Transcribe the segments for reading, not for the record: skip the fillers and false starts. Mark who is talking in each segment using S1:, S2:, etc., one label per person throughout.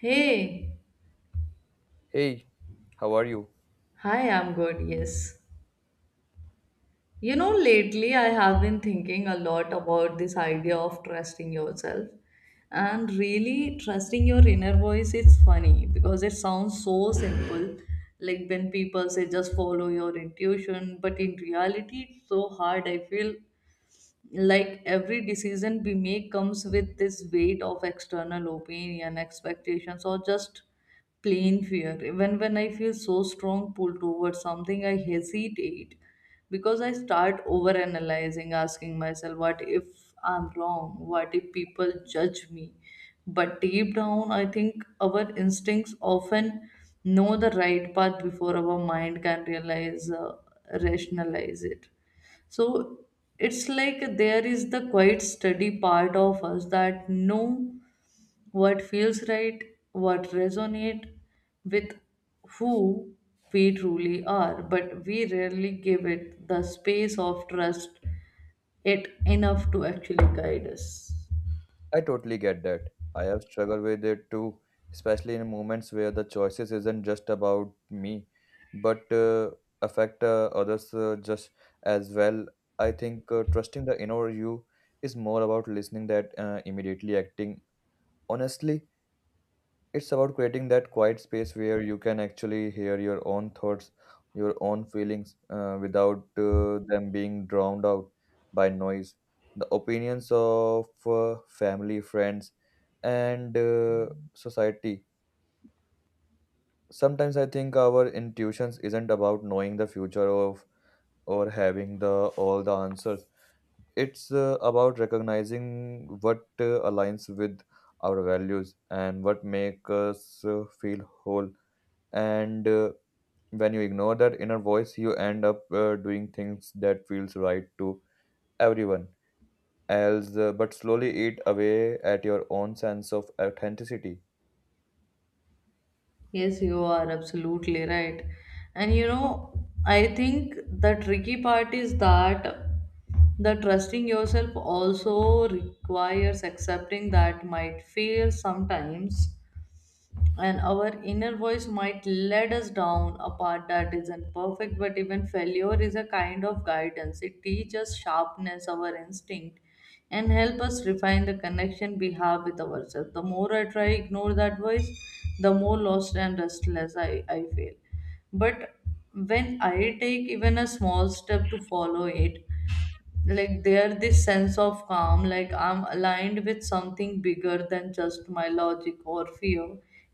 S1: Hey,
S2: Hey, how are you?
S1: hi, I'm good, yes. You know, lately I have been thinking a lot about this idea of trusting yourself. And really, trusting your inner voice is funny because it sounds so simple. Like when people say just follow your intuition, but in reality, it's so hard. I feel like every decision we make comes with this weight of external opinion expectations or just plain fear, even when I feel so strong pull towards something I hesitate because I start over analyzing, asking myself what if I'm wrong, what if people judge me. But deep down I think our instincts often know the right path before our mind can realize, rationalize it. So it's like there is the quiet steady part of us that know what feels right, what resonate with who we truly are, but we rarely give it the space of trust it enough to actually guide us.
S2: I totally get that. I have struggled with it too, especially in moments where the choices isn't just about me, but affect others just as well. I think trusting the inner you is more about listening that immediately acting. Honestly, it's about creating that quiet space where you can actually hear your own thoughts, your own feelings, without them being drowned out by noise, the opinions of family, friends, and society. Sometimes I think our intuitions isn't about knowing the future of or having the all the answers. It's about recognizing what aligns with our values and what make us feel whole and when you ignore that inner voice you end up doing things that feels right to everyone else but slowly eat away at your own sense of authenticity.
S1: Yes, you are absolutely right. And you know, I think the tricky part is that the trusting yourself also requires accepting that might fail sometimes, and our inner voice might lead us down a path that isn't perfect, but even failure is a kind of guidance. It teaches sharpness our instinct and help us refine the connection we have with ourselves. The more I try ignore that voice, the more lost and restless I feel. But when I take even a small step to follow it, like there this sense of calm, like I'm aligned with something bigger than just my logic or fear.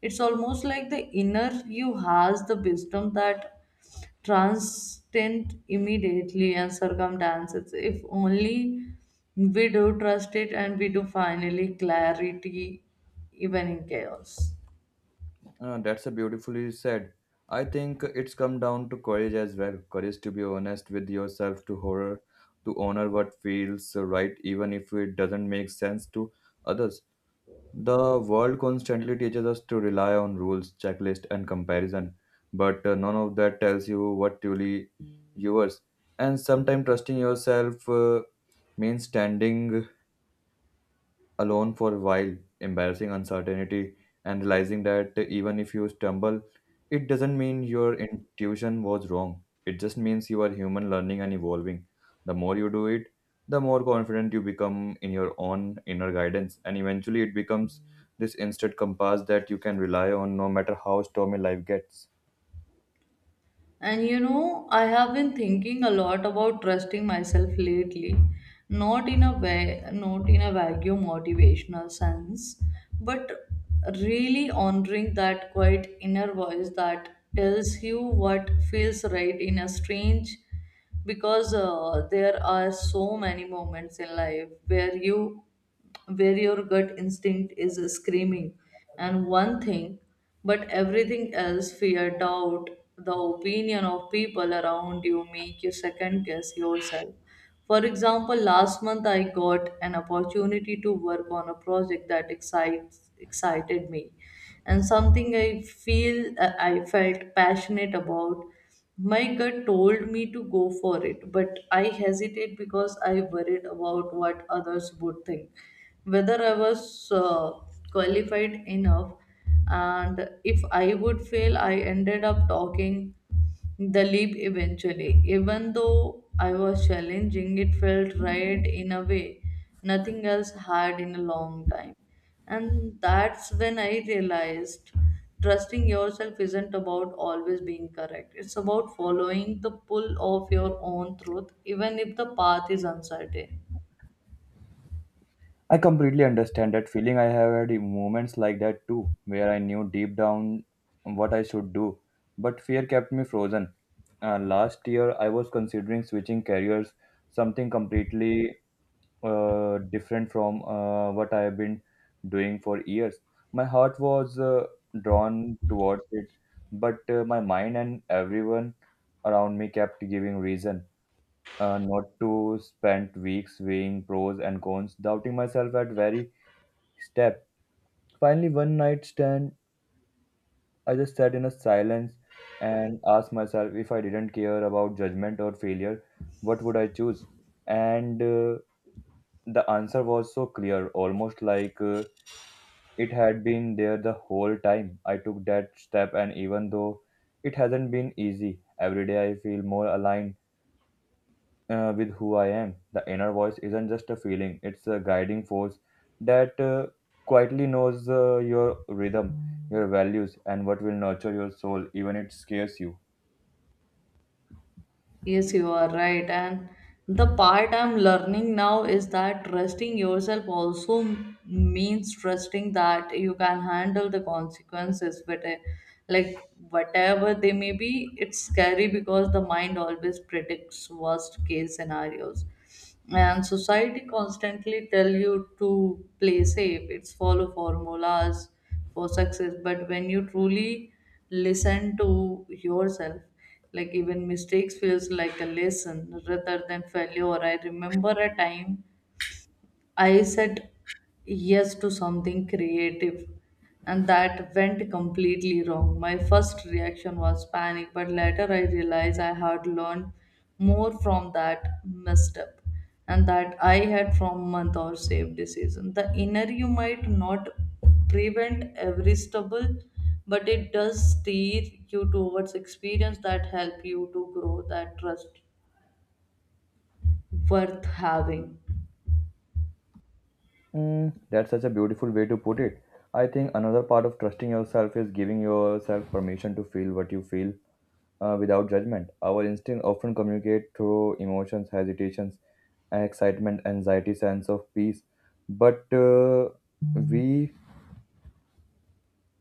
S1: It's almost like the inner you has the wisdom that transcend immediately and circumstances, if only we do trust it, and we do finally clarity even in chaos.
S2: That's a beautifully said. I think it's come down to courage as well, courage to be honest with yourself, to honor what feels right even if it doesn't make sense to others. The world constantly teaches us to rely on rules, checklist, and comparison, but none of that tells you what truly yours. And sometimes trusting yourself means standing alone for a while, embarrassing uncertainty, and realizing that even if you stumble, it doesn't mean your intuition was wrong. It just means you are human learning and evolving. The more you do it, the more confident you become in your own inner guidance, and eventually it becomes this instant compass that you can rely on no matter how stormy life gets.
S1: And you know, I have been thinking a lot about trusting myself lately. Not in a way, not in a vacuum motivational sense, but really honoring that quiet inner voice that tells you what feels right in a strange, because there are so many moments in life where you, where your gut instinct is screaming and one thing, but everything else, fear, doubt, the opinion of people around you make you second guess yourself. For example, last month I got an opportunity to work on a project that excites excited me, and something I felt passionate about. My gut told me to go for it, but I hesitated because I worried about what others would think, whether I was qualified enough, and if I would fail. I ended up talking the leap eventually. Even though I was challenging, it felt right in a way nothing else had in a long time. And that's when I realized trusting yourself isn't about always being correct. It's about following the pull of your own truth, even if the path is uncertain.
S2: I completely understand that feeling. I have had moments like that too, where I knew deep down what I should do, but fear kept me frozen. Last year, I was considering switching careers, something completely different from what I have been doing for years. My heart was drawn towards it, but my mind and everyone around me kept giving reason not to spend weeks weighing pros and cons, doubting myself at very step. Finally, one night stand, I just sat in a silence and asked myself if I didn't care about judgment or failure, what would I choose? And the answer was so clear, almost like it had been there the whole time. I took that step, and even though it hasn't been easy, every day I feel more aligned with who I am. The inner voice isn't just a feeling, it's a guiding force that quietly knows your rhythm, your values, and what will nurture your soul, even it scares you.
S1: Yes, you are right. And the part I'm learning now is that trusting yourself also means trusting that you can handle the consequences, but like whatever they may be. It's scary because the mind always predicts worst case scenarios, and society constantly tell you to play safe, it's follow formulas for success. But when you truly listen to yourself, like even mistakes feels like a lesson rather than failure. I remember a time I said yes to something creative, and that went completely wrong. My first reaction was panic, but later I realized I had learned more from that misstep and that I had from month or safe decision. The inner you might not prevent every stumble, but it does steer you towards experience that help you to grow that trust worth having.
S2: Mm, that's such a beautiful way to put it. I think another part of trusting yourself is giving yourself permission to feel what you feel without judgment. Our instinct often communicate through emotions, hesitations, excitement, anxiety, sense of peace. But we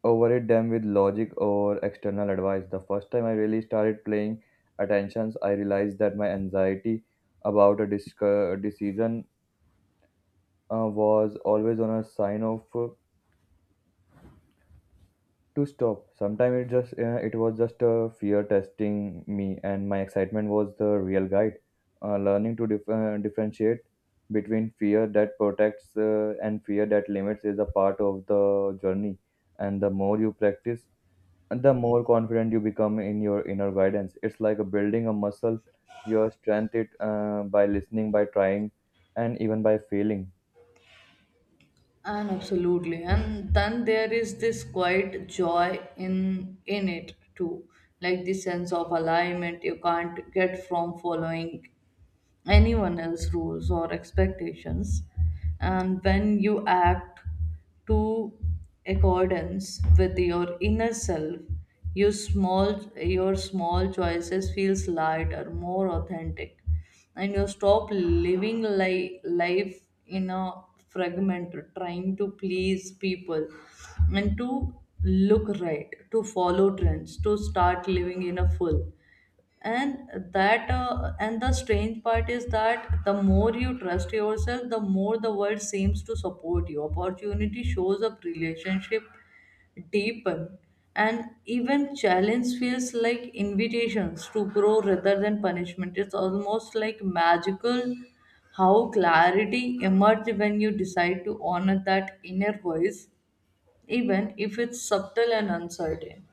S2: overate them with logic or external advice. The first time I really started playing attentions, I realized that my anxiety about decision was always on a sign of to stop. Sometimes it was just a fear testing me, and my excitement was the real guide. Learning to differentiate between fear that protects and fear that limits is a part of the journey, and the more you practice the more confident you become in your inner guidance. It's like a building a muscle. You strength it by listening, by trying, and even by failing.
S1: And absolutely, and then there is this quiet joy in it too, like the sense of alignment you can't get from following anyone else's rules or expectations. And when you act to accordance with your inner self, your small choices feels lighter, more authentic, and you stop living life in a fragment, trying to please people and to look right, to follow trends, to start living in a full. And that and the strange part is that the more you trust yourself, the more the world seems to support you, opportunity shows up, relationship deepen, and even challenge feels like invitations to grow rather than punishment. It's almost like magical how clarity emerges when you decide to honor that inner voice, even if it's subtle and uncertain.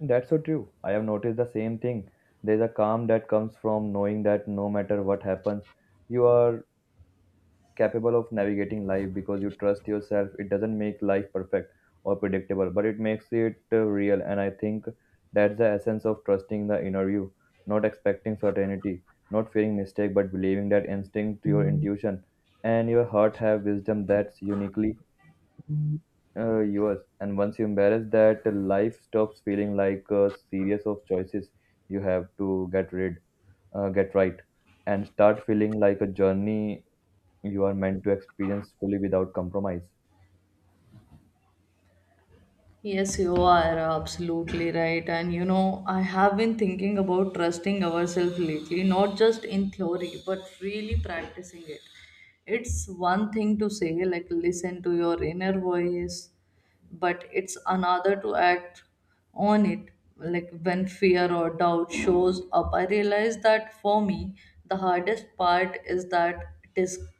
S2: That's so true. I have noticed the same thing. There's a calm that comes from knowing that no matter what happens, you are capable of navigating life because you trust yourself. It doesn't make life perfect or predictable, but it makes it real. And I think that's the essence of trusting the inner you, not expecting certainty, not fearing mistake, but believing that instinct, your intuition, and your heart have wisdom that's uniquely yours. And once you embrace that, life stops feeling like a series of choices you have to get right, and start feeling like a journey you are meant to experience fully without compromise.
S1: Yes, you are absolutely right. And you know, I have been thinking about trusting ourselves lately, not just in theory, but really practicing it. It's one thing to say, like, listen to your inner voice, but it's another to act on it. Like, when fear or doubt shows up, I realize that for me, the hardest part is that disconnect,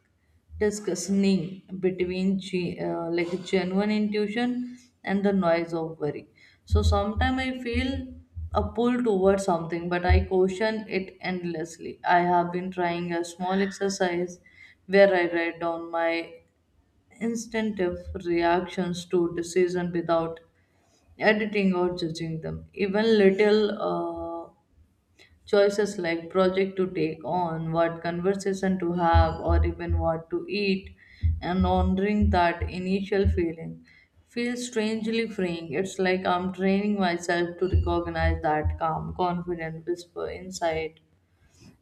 S1: discussing between like genuine intuition and the noise of worry. So sometimes I feel a pull towards something, but I caution it endlessly. I have been trying a small exercise where I write down my instinctive reactions to decision without editing or judging them, even little choices, like project to take on, what conversation to have, or even what to eat, and honoring that initial feeling feels strangely freeing. It's like I'm training myself to recognize that calm, confident whisper inside,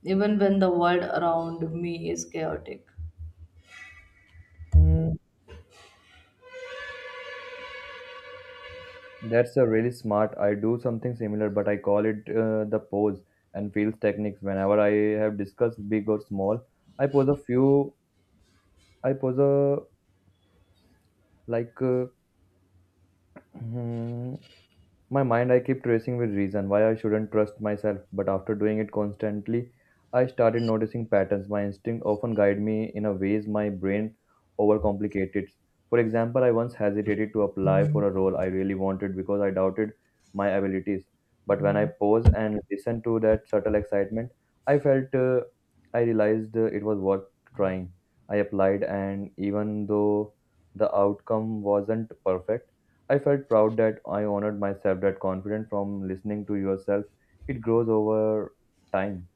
S1: even when the world around me is chaotic.
S2: Mm, that's a really smart. I do something similar, but I call it the pause and feels techniques. Whenever I have discussed big or small, I pose a few. I pose a like uh, My mind I kept racing with reason why I shouldn't trust myself, but after doing it constantly, I started noticing patterns. My instinct often guided me in a ways my brain overcomplicated. For example, I once hesitated to apply for a role I really wanted because I doubted my abilities. But when I paused and listened to that subtle excitement, I felt uh, I realized it was worth trying. I applied, and even though the outcome wasn't perfect, I felt proud that I honored myself, that confidence from listening to yourself, it grows over time.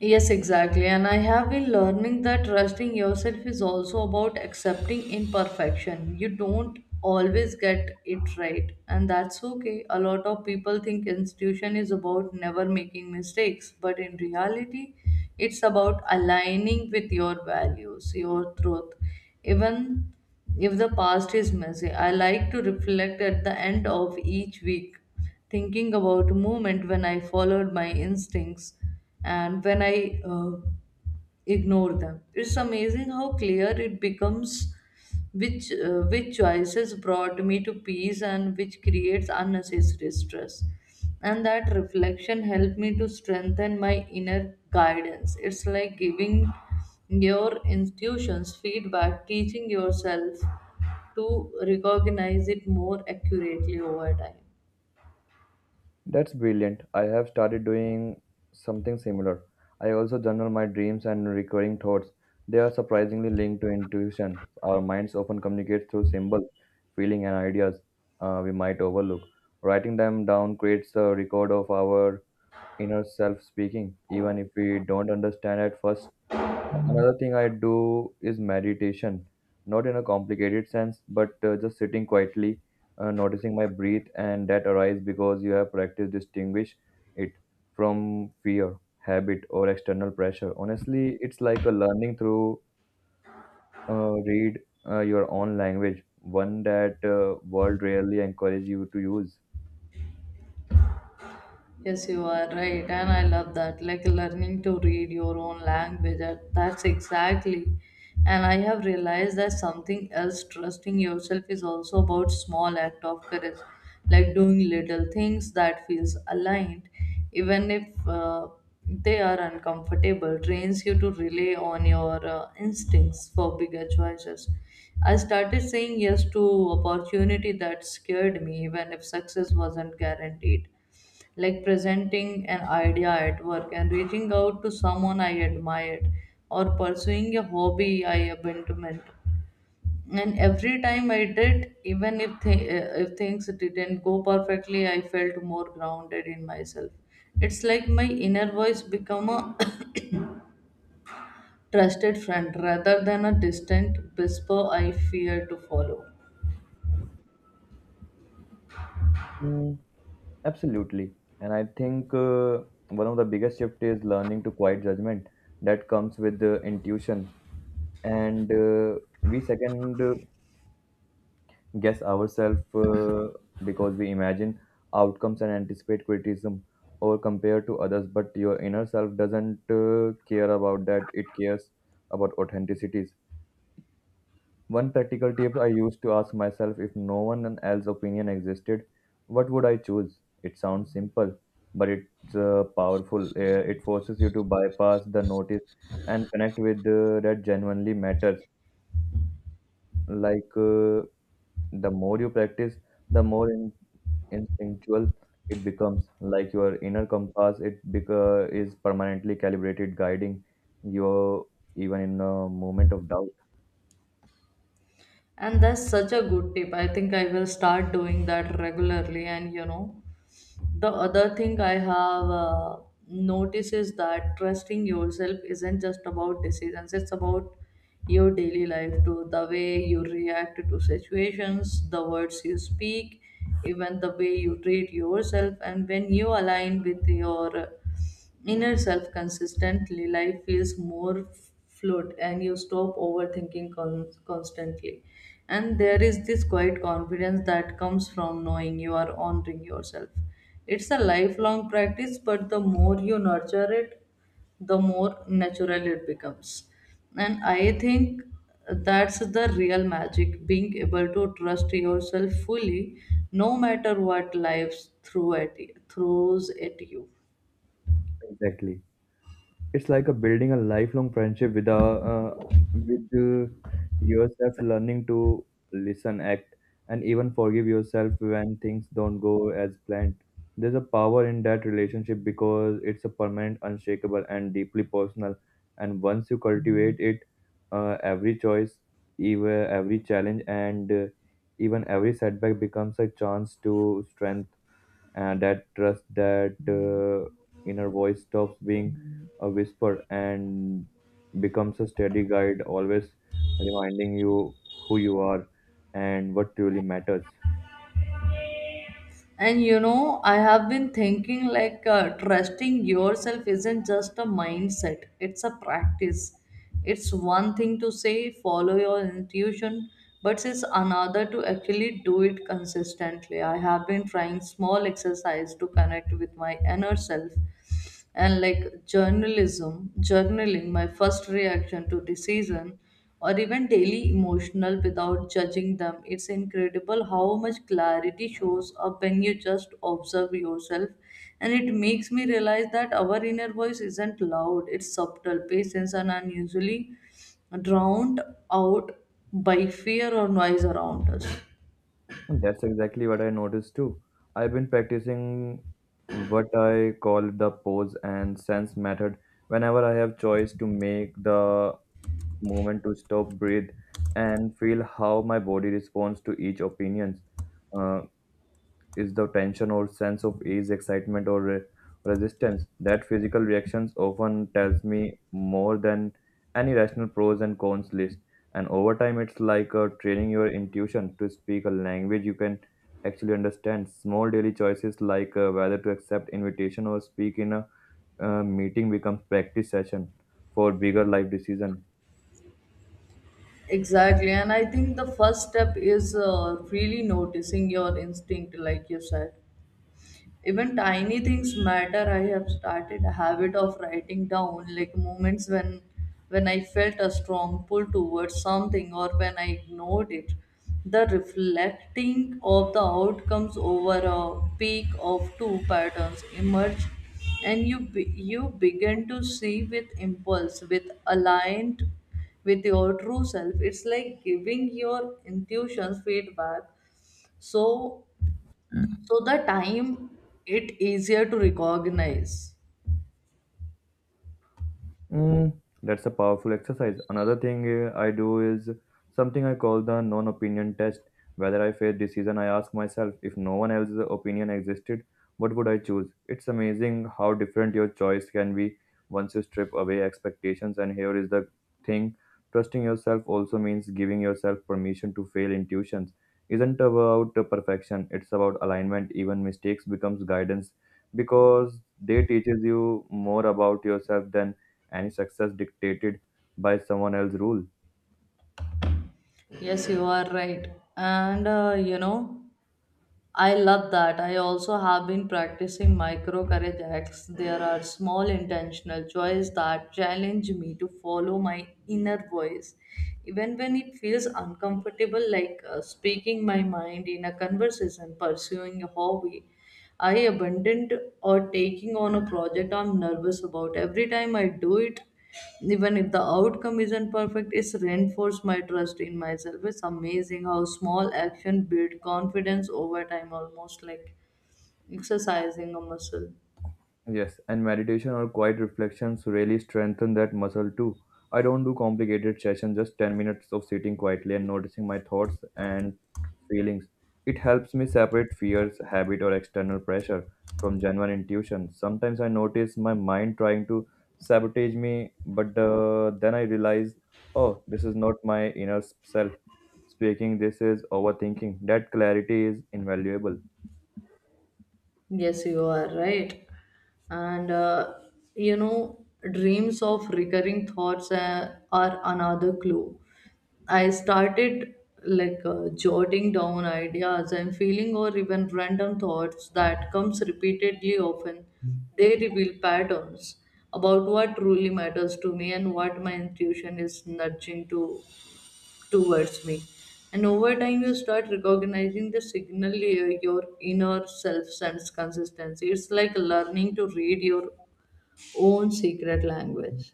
S1: Yes, exactly. And I have been learning that trusting yourself is also about accepting imperfection. You don't always get it right, and that's okay. A lot of people think institution is about never making mistakes, but in reality, it's about aligning with your values, your truth. Even if the past is messy, I like to reflect at the end of each week, thinking about a moment when I followed my instincts and when I ignore them. It's amazing how clear it becomes which choices brought me to peace and which creates unnecessary stress. And that reflection helped me to strengthen my inner guidance. It's like giving your intuitions feedback, teaching yourself to recognize it more accurately over time.
S2: That's brilliant. I have started doing something similar. I also journal my dreams and recurring thoughts. They are surprisingly linked to intuition. Our minds often communicate through symbols, feeling, and ideas we might overlook. Writing them down creates a record of our inner self speaking, even if we don't understand at first. Another thing I do is meditation, not in a complicated sense, but just sitting quietly, noticing my breath and that arise because you have practiced distinguish it from fear, habit, or external pressure. Honestly, it's like a learning through read your own language, one that world rarely encourage you to use.
S1: Yes, you are right, and I love that. Like learning to read your own language, that's exactly. And I have realized that something else, trusting yourself, is also about small act of courage, like doing little things that feels aligned, even if they are uncomfortable. Trains you to rely on your instincts for bigger choices. I started saying yes to opportunity that scared me, even if success wasn't guaranteed, like presenting an idea at work and reaching out to someone I admired or pursuing a hobby I abandoned. And every time I did, even if, if things didn't go perfectly, I felt more grounded in myself. It's like my inner voice become a trusted friend rather than a distant whisper I fear to follow.
S2: Mm, absolutely. And I think one of the biggest shift is learning to quiet judgment that comes with the intuition and we second guess ourselves because we imagine outcomes and anticipate criticism or compare to others, but your inner self doesn't care about that. It cares about authenticities. One practical tip I used to ask myself, if no one else's opinion existed, what would I choose? It sounds simple, but it's powerful. It forces you to bypass the notice and connect with that genuinely matters. like uh, The more you practice, the more instinctual it becomes. Like your inner compass, is permanently calibrated, guiding you even in a moment of doubt.
S1: And that's such a good tip. I think I will start doing that regularly. And you know, the other thing I have noticed is that trusting yourself isn't just about decisions, it's about your daily life too. The way you react to situations, the words you speak, even the way you treat yourself, and when you align with your inner self consistently, life feels more fluid and you stop overthinking constantly. And there is this quiet confidence that comes from knowing you are honoring yourself. It's a lifelong practice, but the more you nurture it, the more natural it becomes. And I think that's the real magic, being able to trust yourself fully, no matter what life threw at throws at you.
S2: Exactly. It's like a building a lifelong friendship with yourself, learning to listen, act, and even forgive yourself when things don't go as planned. There's a power in that relationship because it's a permanent, unshakable, and deeply personal. And once you cultivate it, every choice, even every challenge, and even every setback becomes a chance to strengthen and that trust, that inner voice stops being a whisper and becomes a steady guide always reminding you who you are and what truly matters.
S1: And you know, I have been thinking like trusting yourself isn't just a mindset, it's a practice. It's one thing to say follow your intuition, but it's another to actually do it consistently. I have been trying small exercise to connect with my inner self, and like journalism journaling my first reaction to decision or even daily emotional without judging them. It's incredible how much clarity shows up when you just observe yourself, and it makes me realize that our inner voice isn't loud, it's subtle, patience, and unusually drowned out by fear or noise around us.
S2: That's exactly what I noticed too. I've been practicing what I call the pause and sense method. Whenever I have choice to make, the moment to stop, breathe, and feel how my body responds to each opinions, uh, is the tension or sense of ease, excitement, or resistance. That physical reactions often tells me more than any rational pros and cons list. And over time, it's like training your intuition to speak a language you can actually understand. Small daily choices like whether to accept invitation or speak in a meeting becomes practice session for bigger life decision.
S1: Exactly, and I think the first step is really noticing your instinct, like you said. Even tiny things matter. I have started a habit of writing down like moments when I felt a strong pull towards something or when I ignored it, the reflecting of the outcomes over a peak of two patterns emerge, and you begin to see with impulse with aligned with your true self. It's like giving your intuitions feedback, so so the time it easier to recognize.
S2: Mm, that's a powerful exercise. Another thing I do is something I call the non opinion test. Whether I face decision, I ask myself, if no one else's opinion existed, what would I choose? It's amazing how different your choice can be once you strip away expectations. And here is the thing, trusting yourself also means giving yourself permission to fail. Intuitions isn't about perfection, it's about alignment. Even mistakes becomes guidance because they teaches you more about yourself than any success dictated by someone else's rule.
S1: Yes, you are right. And you know, I love that. I also have been practicing micro courage acts. There are small intentional choices that challenge me to follow my inner voice, even when it feels uncomfortable, like speaking my mind in a conversation, pursuing a hobby I abandoned, or taking on a project I'm nervous about. Every time I do it, even if the outcome isn't perfect, it's reinforced my trust in myself. It's amazing how small action build confidence over time, almost like exercising a muscle.
S2: Yes, and meditation or quiet reflections really strengthen that muscle too. I don't do complicated sessions, just 10 minutes of sitting quietly and noticing my thoughts and feelings. It helps me separate fears, habit, or external pressure from genuine intuition. Sometimes I notice my mind trying to sabotage me, but then I realize, oh, this is not my inner self speaking, this is overthinking. That clarity is invaluable.
S1: Yes, you are right. And you know, dreams of recurring thoughts are another clue. I started like jotting down ideas and feeling or even random thoughts that comes repeatedly often. They reveal patterns about what truly matters to me and what my intuition is nudging to towards me. And over time, you start recognizing the signal your inner self sends consistency. It's like learning to read your own secret language.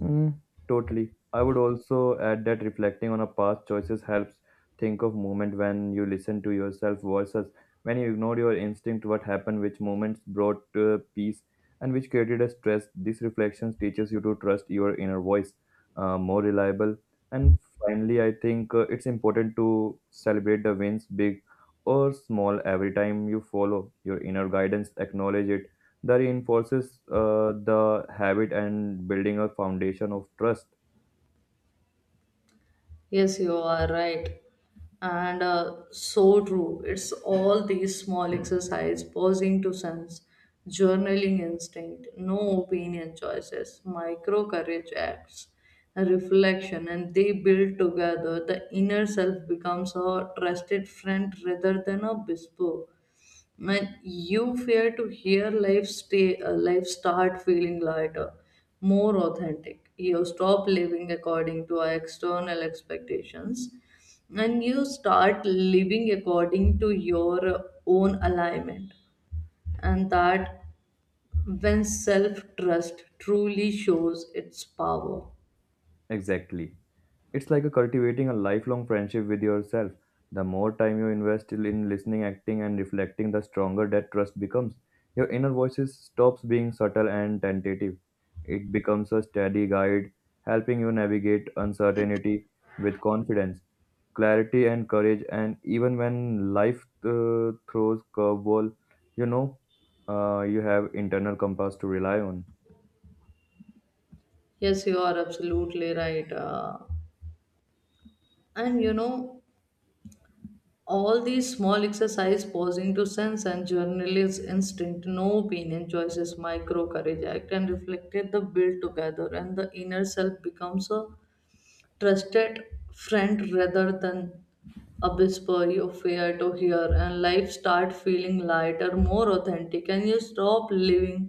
S2: Mm, totally. I would also add that reflecting on a past choices helps think of moment when you listen to yourself versus when you ignore your instinct. What happened? Which moments brought peace and which created a stress? This reflection teaches you to trust your inner voice more reliable. And finally, I think it's important to celebrate the wins, big or small. Every time you follow your inner guidance, acknowledge it. That reinforces the habit and building a foundation of trust.
S1: Yes, you are right. And so true. It's all these small exercise, pausing to sense, journaling instinct, no opinion choices, micro courage acts, and reflection, and they build together. The inner self becomes a trusted friend rather than a bespoke. When you fear to hear life stay, life start feeling lighter, more authentic. You stop living according to our external expectations, and you start living according to your own alignment. And that, when self trust truly shows its power.
S2: Exactly. It's like a cultivating a lifelong friendship with yourself. The more time you invest in listening, acting, and reflecting, the stronger that trust becomes. Your inner voices stops being subtle and tentative. It becomes a steady guide, helping you navigate uncertainty with confidence, clarity, and courage. And even when life throws curveball, you know, you have internal compass to rely on.
S1: Yes, you are absolutely right. And you know, all these small exercise, pausing to sense and journalist instinct, no opinion choices, micro courage act and reflected the build together, and the inner self becomes a trusted friend rather than a whisper you fear to hear, and life start feeling lighter, more authentic, and you stop living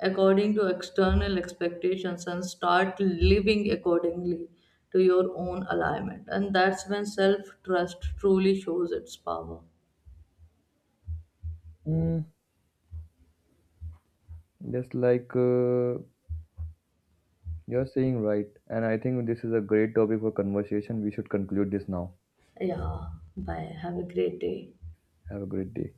S1: according to external expectations and start living accordingly to your own alignment, and that's when self trust truly shows its power.
S2: Mm, just like you're saying, right? And I think this is a great topic for conversation. We should conclude this now.
S1: Yeah, bye, have a great day.
S2: Have a great day.